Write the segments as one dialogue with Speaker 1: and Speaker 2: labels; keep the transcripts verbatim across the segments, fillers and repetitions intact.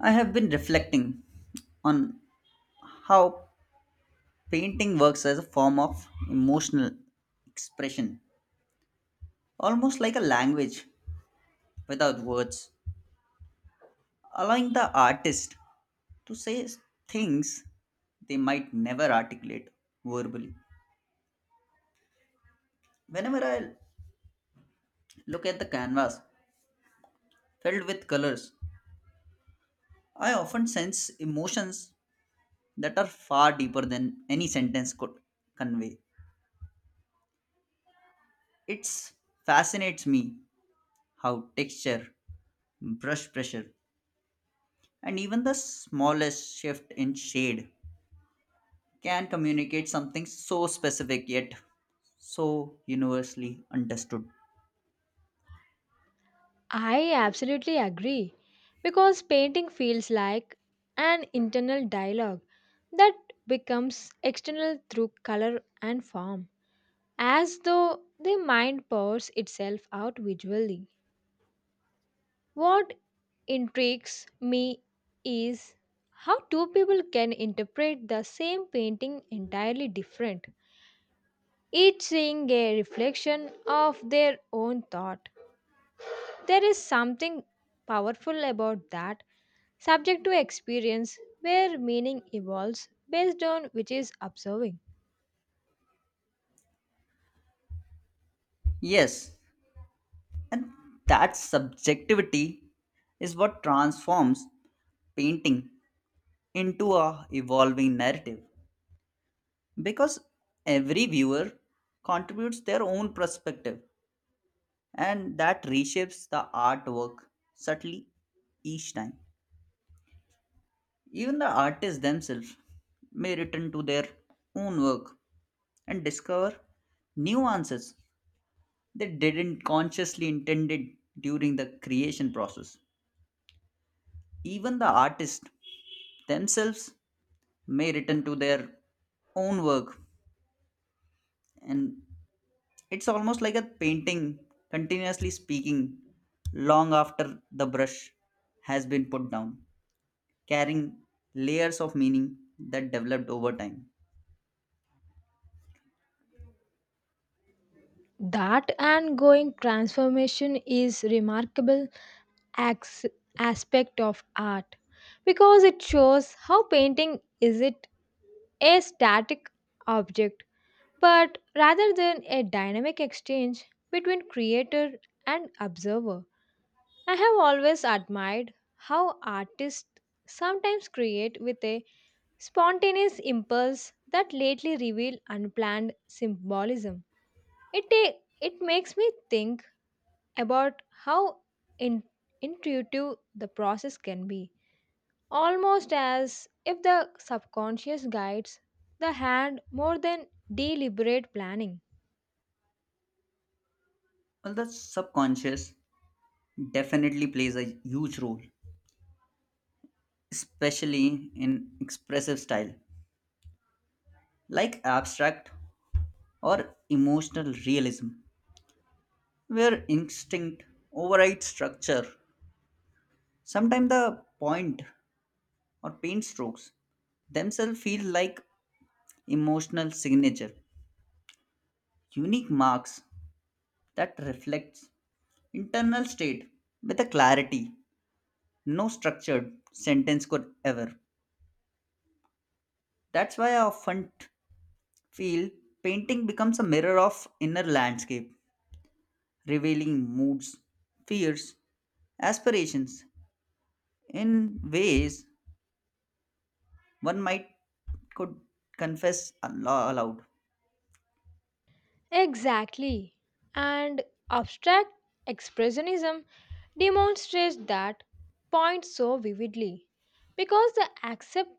Speaker 1: I have been reflecting on how painting works as a form of emotional expression, almost like a language without words, allowing the artist to say things they might never articulate verbally. Whenever I look at the canvas filled with colors, I often sense emotions that are far deeper than any sentence could convey. It fascinates me how texture, brush pressure, and even the smallest shift in shade can communicate something so specific yet so universally understood.
Speaker 2: I absolutely agree because painting feels like an internal dialogue that becomes external through color and form, as though the mind pours itself out visually. What intrigues me is how two people can interpret the same painting entirely different, each seeing a reflection of their own thought. There is something powerful about that subject to experience where meaning evolves based on which is observing.
Speaker 1: Yes, and that subjectivity is what transforms painting into a evolving narrative because every viewer contributes their own perspective and that reshapes the artwork subtly each time. Even the artists themselves may return to their own work and discover new answers they didn't consciously intended during the creation process. Even the artists themselves may return to their own work and it's almost like a painting continuously speaking long after the brush has been put down, carrying layers of meaning that developed over time.
Speaker 2: That ongoing transformation is remarkable acts aspect of art because it shows how painting is it a static object but rather than a dynamic exchange between creator and observer. I have always admired how artists sometimes create with a spontaneous impulse that lately reveal unplanned symbolism. It, ta- it makes me think about how in- intuitive the process can be, almost as if the subconscious guides the hand more than deliberate planning.
Speaker 1: Well, the subconscious definitely plays a huge role, especially in expressive style like abstract or emotional realism, where instinct overrides structure. Sometimes the point or paint strokes themselves feel like emotional signature, unique marks that reflects internal state with a clarity no structured sentence could ever. That's why I often feel painting becomes a mirror of inner landscape, revealing moods, fears, aspirations in ways one might could confess alo- aloud.
Speaker 2: Exactly. And abstract expressionism demonstrates that point so vividly because the accept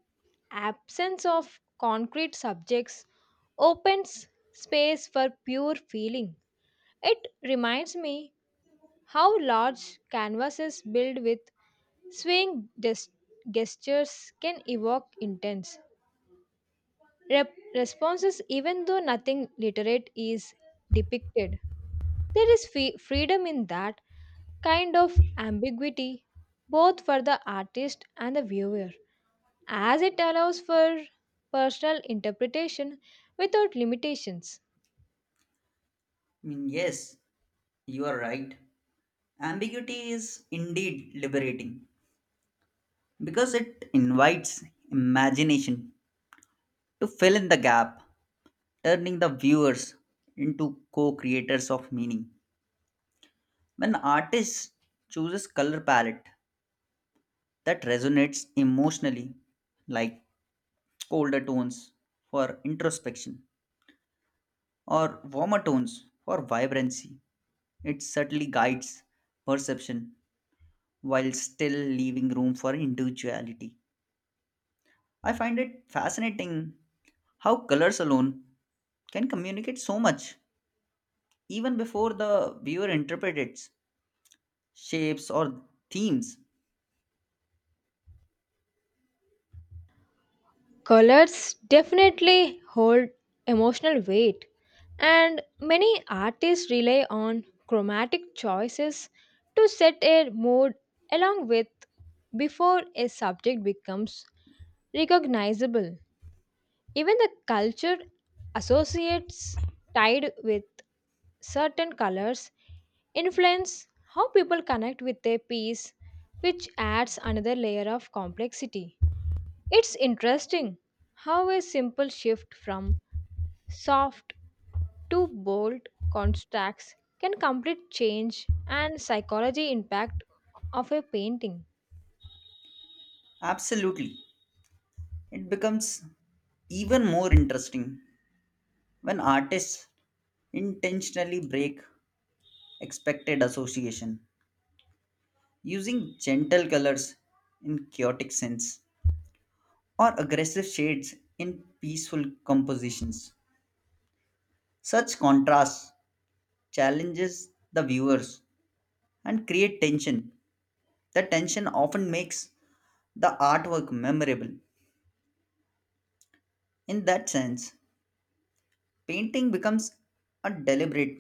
Speaker 2: absence of concrete subjects opens space for pure feeling. It reminds me how large canvases built with swaying des- gestures can evoke intense rep- responses even though nothing literate is depicted. There is fe- freedom in that kind of ambiguity, both for the artist and the viewer, as it allows for personal interpretation without limitations.
Speaker 1: I mean, yes, you are right. Ambiguity is indeed liberating because it invites imagination to fill in the gap, turning the viewers into co creators of meaning. When artists chooses color palette that resonates emotionally, like colder tones for introspection or warmer tones for vibrancy. It subtly guides perception while still leaving room for individuality. I find it fascinating how colors alone can communicate so much even before the viewer interprets shapes or themes.
Speaker 2: Colors definitely hold emotional weight, and many artists rely on chromatic choices to set a mood along with before a subject becomes recognizable. Even the culture associates tied with certain colors influence how people connect with their piece, which adds another layer of complexity. It's interesting how a simple shift from soft to bold contrasts can complete change and psychology impact of a painting.
Speaker 1: Absolutely. It becomes even more interesting when artists intentionally break expected association using gentle colors in chaotic scents or aggressive shades in peaceful compositions such contrast challenges the viewers and create tension the tension often makes the artwork memorable in that sense painting becomes a deliberate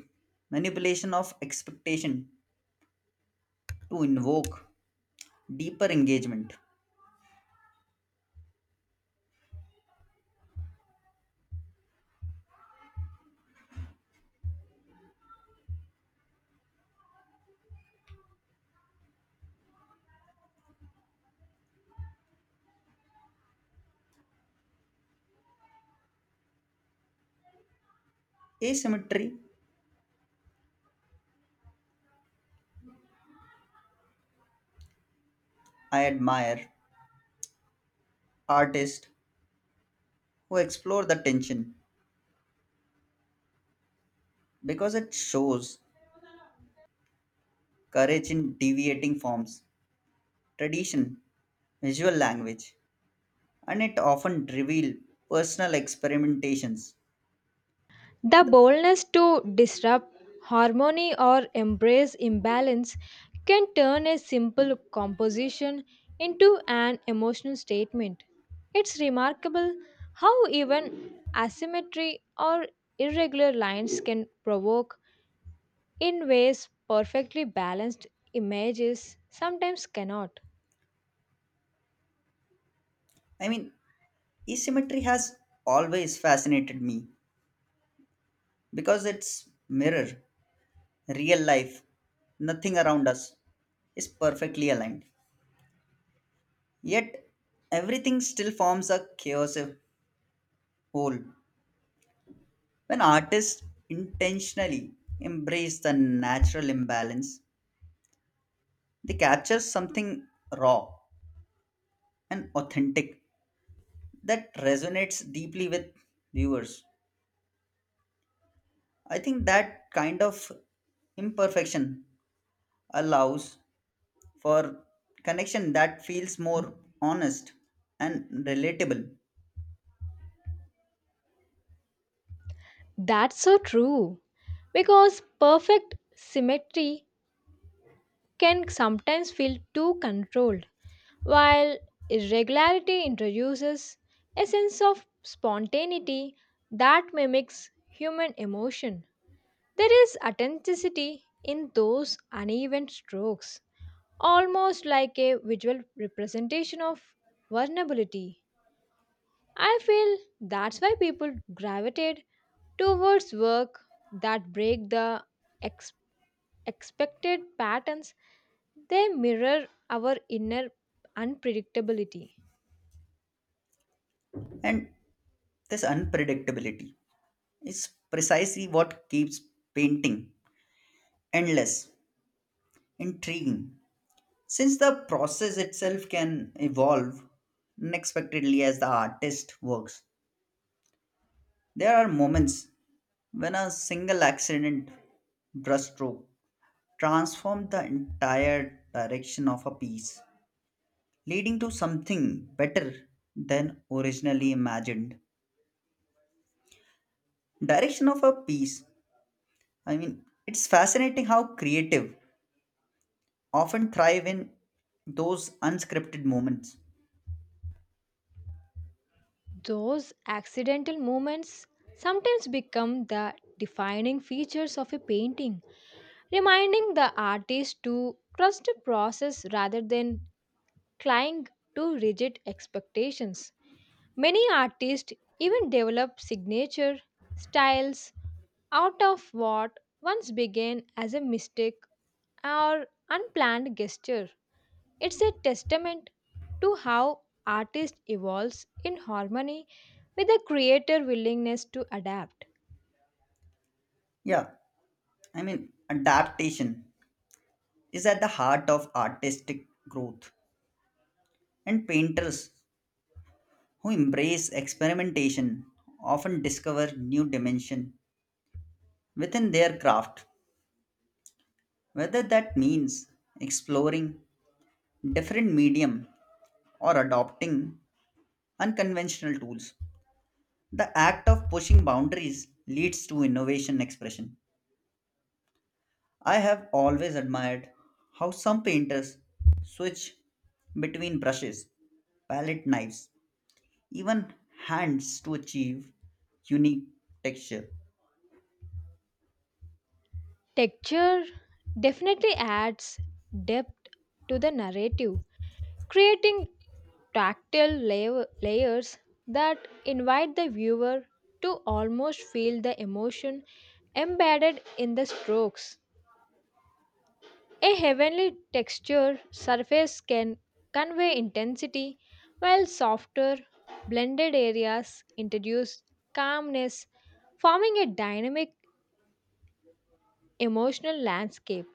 Speaker 1: manipulation of expectation to invoke deeper engagement asymmetry I admire artists who explore the tension because it shows courage in deviating forms, tradition, visual language, and it often reveals personal experimentations.
Speaker 2: The boldness to disrupt harmony or embrace imbalance can turn a simple composition into an emotional statement. It's remarkable how even asymmetry or irregular lines can provoke, in ways perfectly balanced images sometimes cannot.
Speaker 1: I mean, asymmetry has always fascinated me because it's mirror, real life, nothing around us is perfectly aligned. Yet everything still forms a cohesive whole. When artists intentionally embrace the natural imbalance, they capture something raw and authentic that resonates deeply with viewers. I think that kind of imperfection allows for connection that feels more honest and relatable.
Speaker 2: That's so true, because perfect symmetry can sometimes feel too controlled while irregularity introduces a sense of spontaneity that mimics human emotion. There is authenticity in those uneven strokes, almost like a visual representation of vulnerability. I feel that's why people gravitate towards work that break the ex- expected patterns, they mirror our inner unpredictability.
Speaker 1: And this unpredictability is precisely what keeps painting endless, intriguing, since the process itself can evolve unexpectedly as the artist works, there are moments when a single accident brushstroke transforms the entire direction of a piece, leading to something better than originally imagined. Direction of a piece, I mean, it's fascinating how creative often thrive in those unscripted moments.
Speaker 2: Those accidental moments sometimes become the defining features of a painting, reminding the artist to trust the process rather than cling to rigid expectations. Many artists even develop signature styles out of what once began as a mistake or unplanned gesture. It's a testament to how artist evolves in harmony with the creator willingness to adapt.
Speaker 1: Yeah, I mean, adaptation is at the heart of artistic growth, and painters who embrace experimentation often discover new dimension within their craft, whether that means exploring different medium or adopting unconventional tools. The act of pushing boundaries leads to innovation expression. I have always admired how some painters switch between brushes, palette knives, even hands to achieve unique texture.
Speaker 2: Texture definitely adds depth to the narrative, creating tactile layer- layers that invite the viewer to almost feel the emotion embedded in the strokes. A heavenly texture surface can convey intensity, while softer, blended areas introduce calmness, forming a dynamic emotional landscape.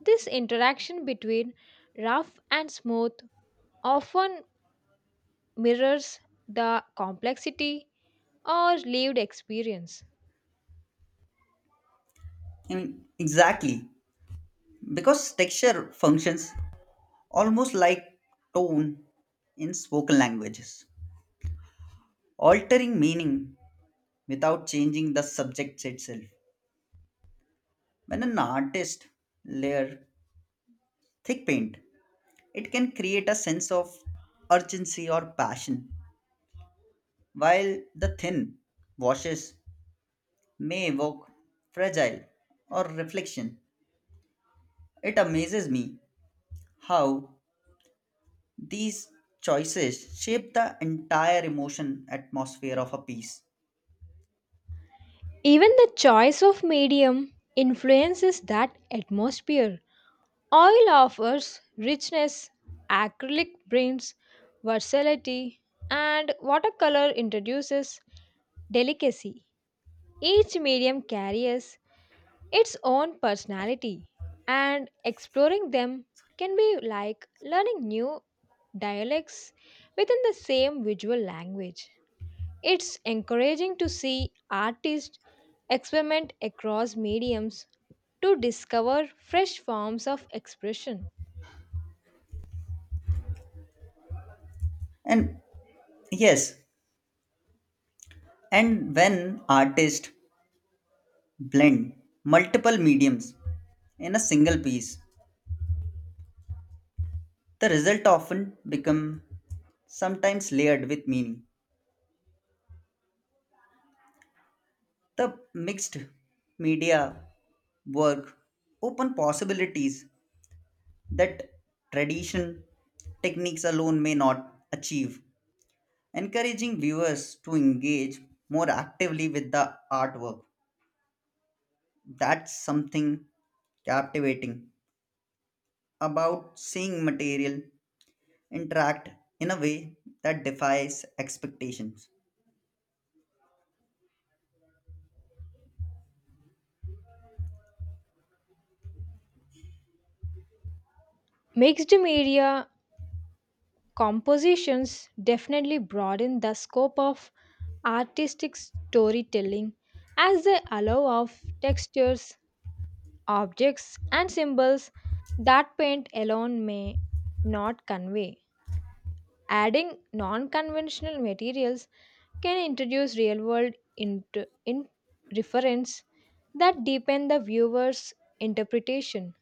Speaker 2: This interaction between rough and smooth often mirrors the complexity or lived experience.
Speaker 1: I mean, exactly. Because texture functions almost like tone in spoken languages, altering meaning without changing the subject itself. When an artist layers thick paint, it can create a sense of urgency or passion, while the thin washes may evoke fragile or reflection. It amazes me how these choices shape the entire emotion atmosphere of a piece.
Speaker 2: Even the choice of medium influences that atmosphere. Oil offers richness, acrylic brings versatility, and watercolor introduces delicacy. Each medium carries its own personality, and exploring them can be like learning new dialects within the same visual language. It's encouraging to see artists experiment across mediums to discover fresh forms of expression.
Speaker 1: And yes, and when artists blend multiple mediums in a single piece, the result often become sometimes layered with meaning. The mixed media work open possibilities that tradition techniques alone may not achieve encouraging viewers to engage more actively with the artwork. That's something captivating about seeing material interact in a way that defies expectations.
Speaker 2: Mixed media compositions definitely broaden the scope of artistic storytelling as they allow of textures, objects, and symbols that paint alone may not convey. Adding non conventional materials can introduce real world into in reference that deepen the viewer's interpretation.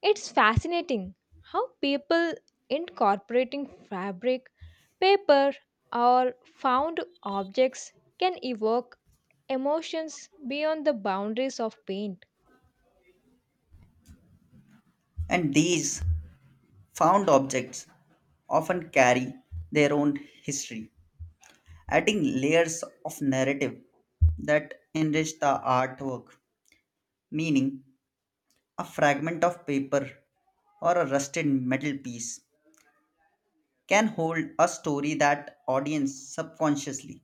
Speaker 2: It's fascinating how people incorporating fabric, paper, or found objects can evoke emotions beyond the boundaries of paint.
Speaker 1: And these found objects often carry their own history, adding layers of narrative that enrich the artwork, meaning a fragment of paper or a rusted metal piece can hold a story that audience subconsciously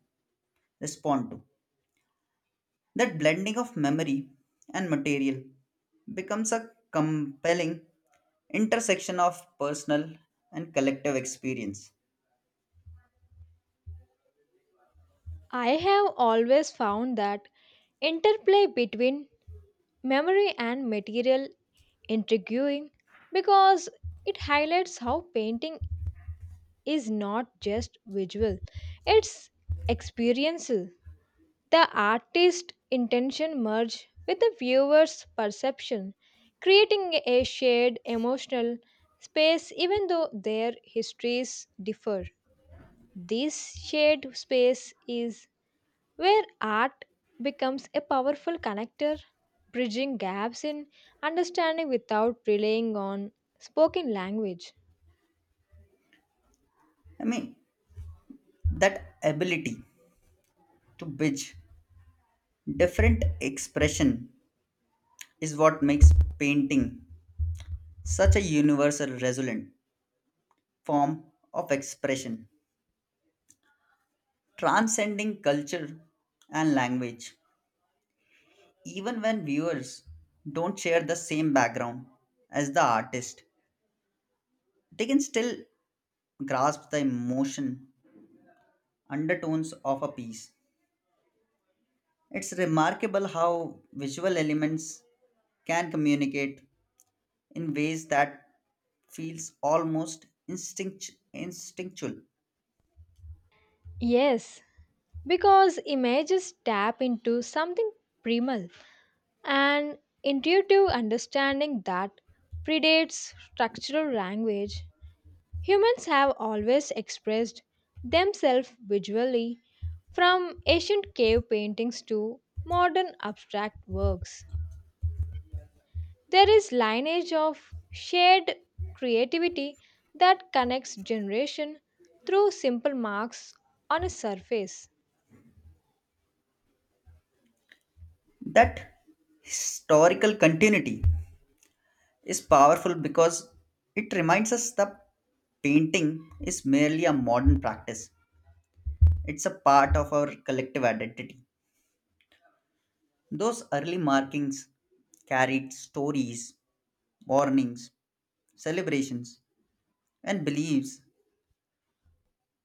Speaker 1: respond to. That blending of memory and material becomes a compelling intersection of personal and collective experience.
Speaker 2: I have always found that interplay between memory and material intriguing because it highlights how painting is not just visual, it's experiential. The artist's intention merges with the viewer's perception, creating a shared emotional space even though their histories differ. This shared space is where art becomes a powerful connector, bridging gaps in understanding without relying on spoken language.
Speaker 1: I mean, that ability to bridge different expression is what makes painting such a universal resonant form of expression, transcending culture and language. Even when viewers don't share the same background as the artist, they can still grasp the emotion undertones of a piece. It's remarkable how visual elements can communicate in ways that feels almost instinct, instinctual.
Speaker 2: Yes, because images tap into something primal, an intuitive understanding that predates structural language. Humans have always expressed themselves visually, from ancient cave paintings to modern abstract works. There is lineage of shared creativity that connects generation through simple marks on a surface.
Speaker 1: That historical continuity is powerful because it reminds us the painting is merely a modern practice it's a part of our collective identity. Those early markings carried stories, warnings, celebrations, and beliefs,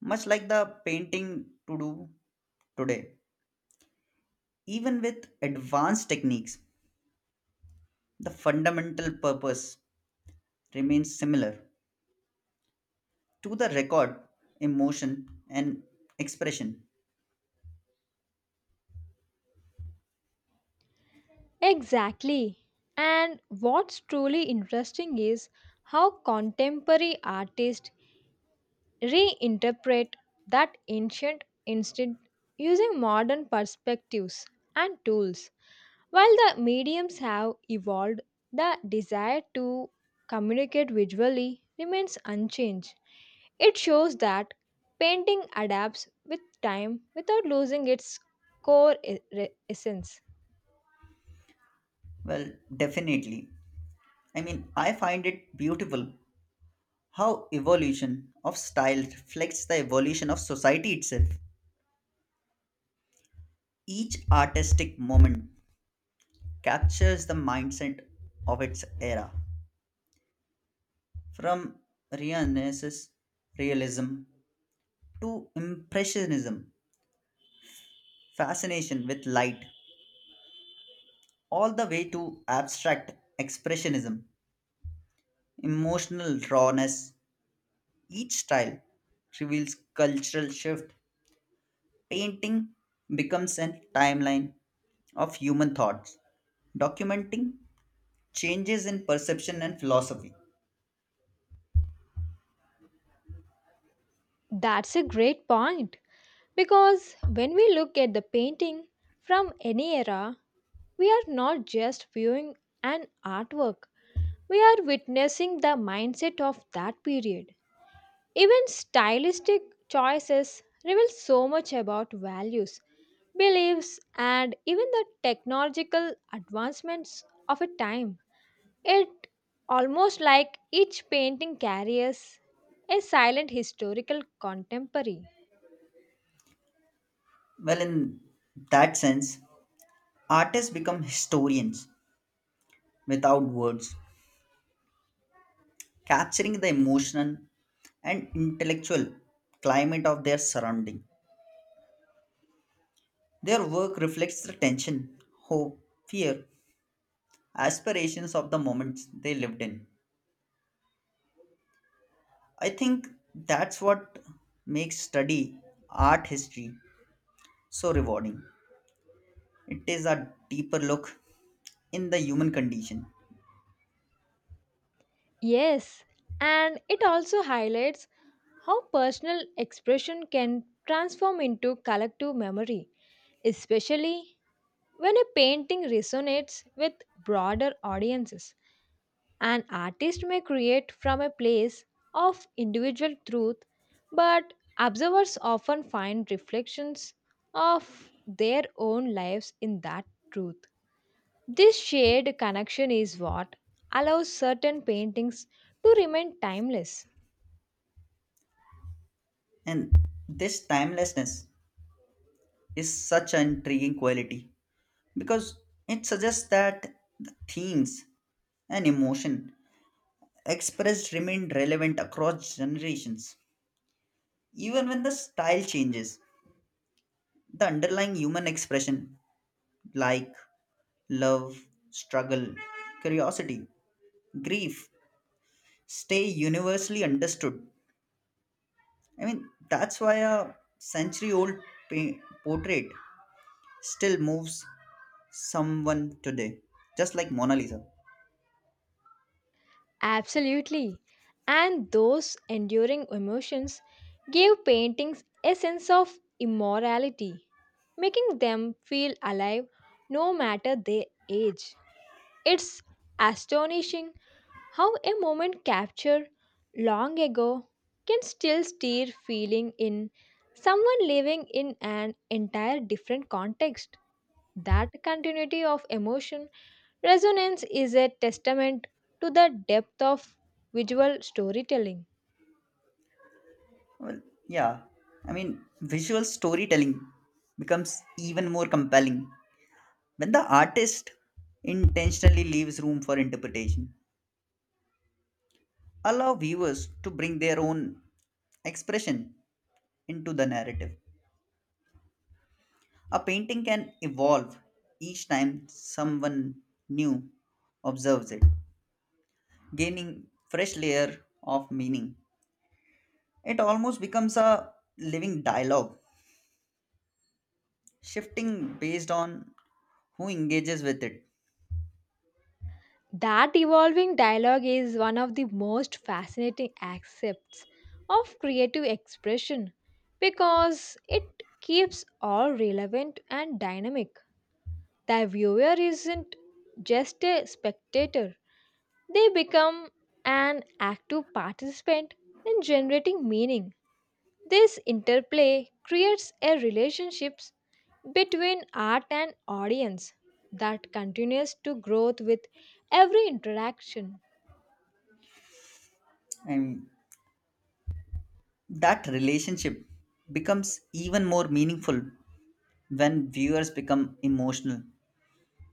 Speaker 1: much like the painting to do today. Even with advanced techniques, the fundamental purpose remains similar to the record, emotion, and expression.
Speaker 2: Exactly. And what's truly interesting is how contemporary artists reinterpret that ancient instinct using modern perspectives and tools. While the mediums have evolved, the desire to communicate visually remains unchanged. It shows that painting adapts with time without losing its core e- re- essence.
Speaker 1: Well, definitely. I mean, I find it beautiful how evolution of style reflects the evolution of society itself. Each artistic moment captures the mindset of its era, from Renaissance realism to Impressionism, fascination with light, all the way to abstract expressionism, emotional rawness. Each style reveals cultural shift. Painting becomes a timeline of human thoughts, documenting changes in perception and philosophy.
Speaker 2: That's a great point because when we look at the painting from any era, we are not just viewing an artwork, we are witnessing the mindset of that period. Even stylistic choices reveal so much about values, beliefs, and even the technological advancements of a time. It almost like each painting carries a silent historical contemporary.
Speaker 1: Well, in that sense, artists become historians without words, capturing the emotional and intellectual climate of their surrounding. Their work reflects the tension, hope, fear, aspirations of the moments they lived in. I think that's what makes study art history so rewarding. It is a deeper look in the human condition,
Speaker 2: Yes, and it also highlights how personal expression can transform into collective memory, especially when a painting resonates with broader audiences. An artist may create from a place of individual truth, but observers often find reflections of their own lives in that truth. This shared connection is what allows certain paintings to remain timeless.
Speaker 1: and this timelessness is such an intriguing quality because it suggests that the themes and emotion expressed remain relevant across generations. Even when the style changes, the underlying human expression like love, struggle, curiosity, grief stay universally understood. I mean, that's why a century old pa- portrait still moves someone today, just like Mona Lisa.
Speaker 2: Absolutely. And those enduring emotions gave paintings a sense of immorality, making them feel alive no matter their age. It's astonishing how a moment captured long ago can still stir feeling in someone living in an entire different context. That continuity of emotion resonance is a testament to the depth of visual storytelling.
Speaker 1: Well, yeah. I mean, visual storytelling becomes even more compelling when the artist intentionally leaves room for interpretation. Allow viewers to bring their own expression into the narrative. A painting can evolve each time someone new observes it, gaining fresh layer of meaning. It almost becomes a living dialogue, shifting based on who engages with it.
Speaker 2: That evolving dialogue is one of the most fascinating aspects of creative expression because it keeps all relevant and dynamic. The viewer isn't just a spectator, they become an active participant in generating meaning. This interplay creates a relationship between art and audience that continues to grow with every interaction.
Speaker 1: I mean, that relationship becomes even more meaningful when viewers become emotional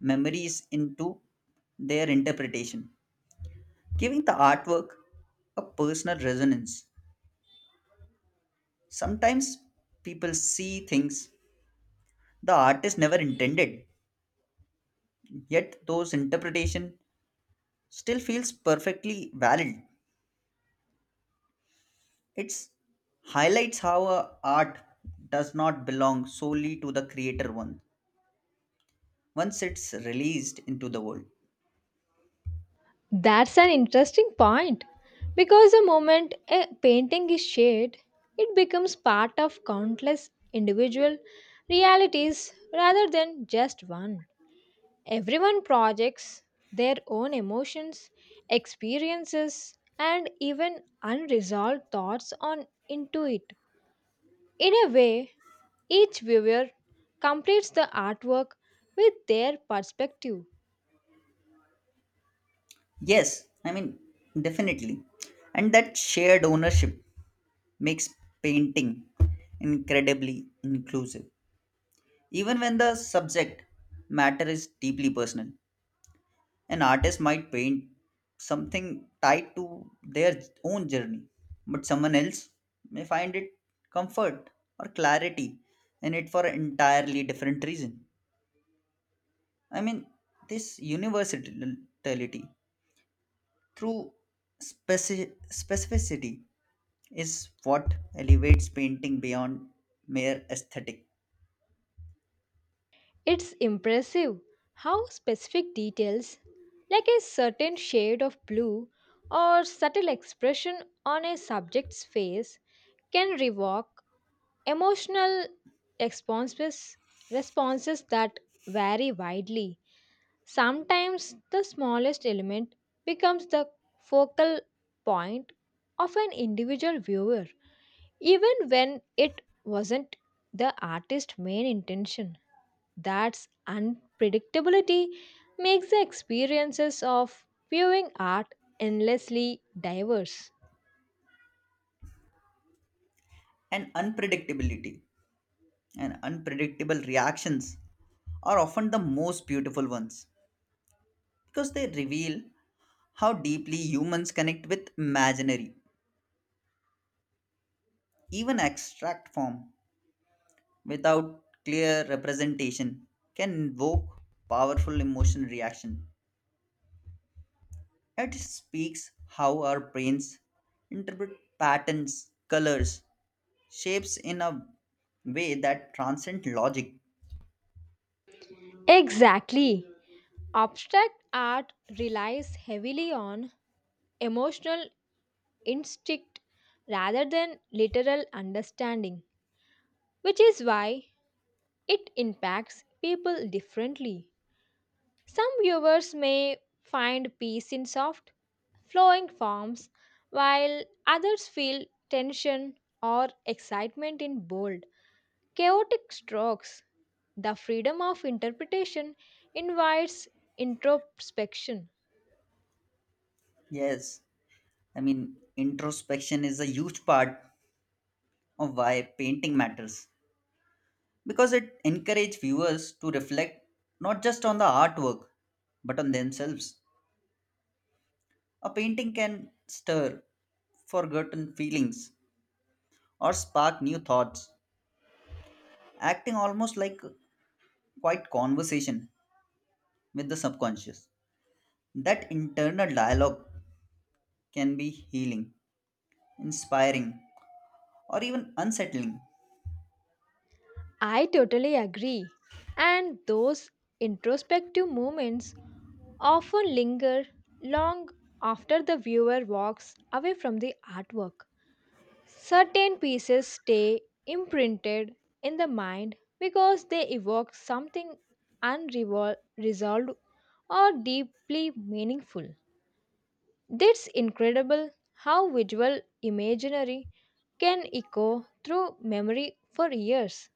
Speaker 1: memories into their interpretation, giving the artwork a personal resonance. Sometimes people see things the artist never intended, yet those interpretation still feels perfectly valid. It highlights how a art does not belong solely to the creator one once it's released into the world.
Speaker 2: That's an interesting point because the moment a painting is shared, it becomes part of countless individual realities rather than just one. Everyone projects their own emotions, experiences, and even unresolved thoughts on into it. In a way, each viewer completes the artwork with their perspective.
Speaker 1: Yes, I mean, definitely. And that shared ownership makes painting incredibly inclusive. Even when the subject matter is deeply personal, an artist might paint something tied to their own journey, but someone else may find it comfort or clarity in it for an entirely different reason. I mean, this universality through speci- specificity is what elevates painting beyond mere aesthetic
Speaker 2: It's impressive how specific details, like a certain shade of blue or subtle expression on a subject's face, can revoke emotional responses, responses that vary widely. Sometimes the smallest element becomes the focal point of an individual viewer, even when it wasn't the artist's main intention. That's unpredictability makes the experiences of viewing art endlessly diverse.
Speaker 1: and unpredictability. And unpredictable reactions are often the most beautiful ones because they reveal how deeply humans connect with imaginary, even abstract form, without clear representation, can invoke powerful emotion reaction. It speaks how our brains interpret patterns, colors, shapes in a way that transcend logic.
Speaker 2: Exactly. Abstract art relies heavily on emotional instinct rather than literal understanding, which is why it impacts people differently. Some viewers may find peace in soft, flowing forms, while others feel tension or excitement in bold, chaotic strokes. The freedom of interpretation invites introspection.
Speaker 1: Yes, I mean, introspection is a huge part of why painting matters because it encourages viewers to reflect not just on the artwork but on themselves. A painting can stir forgotten feelings or spark new thoughts, acting almost like a quiet conversation with the subconscious. That internal dialogue can be healing, inspiring, or even unsettling.
Speaker 2: I totally agree. And those introspective moments often linger long after the viewer walks away from the artwork. Certain pieces stay imprinted in the mind because they evoke something unresolved or deeply meaningful. It's incredible how visual imaginary can echo through memory for years.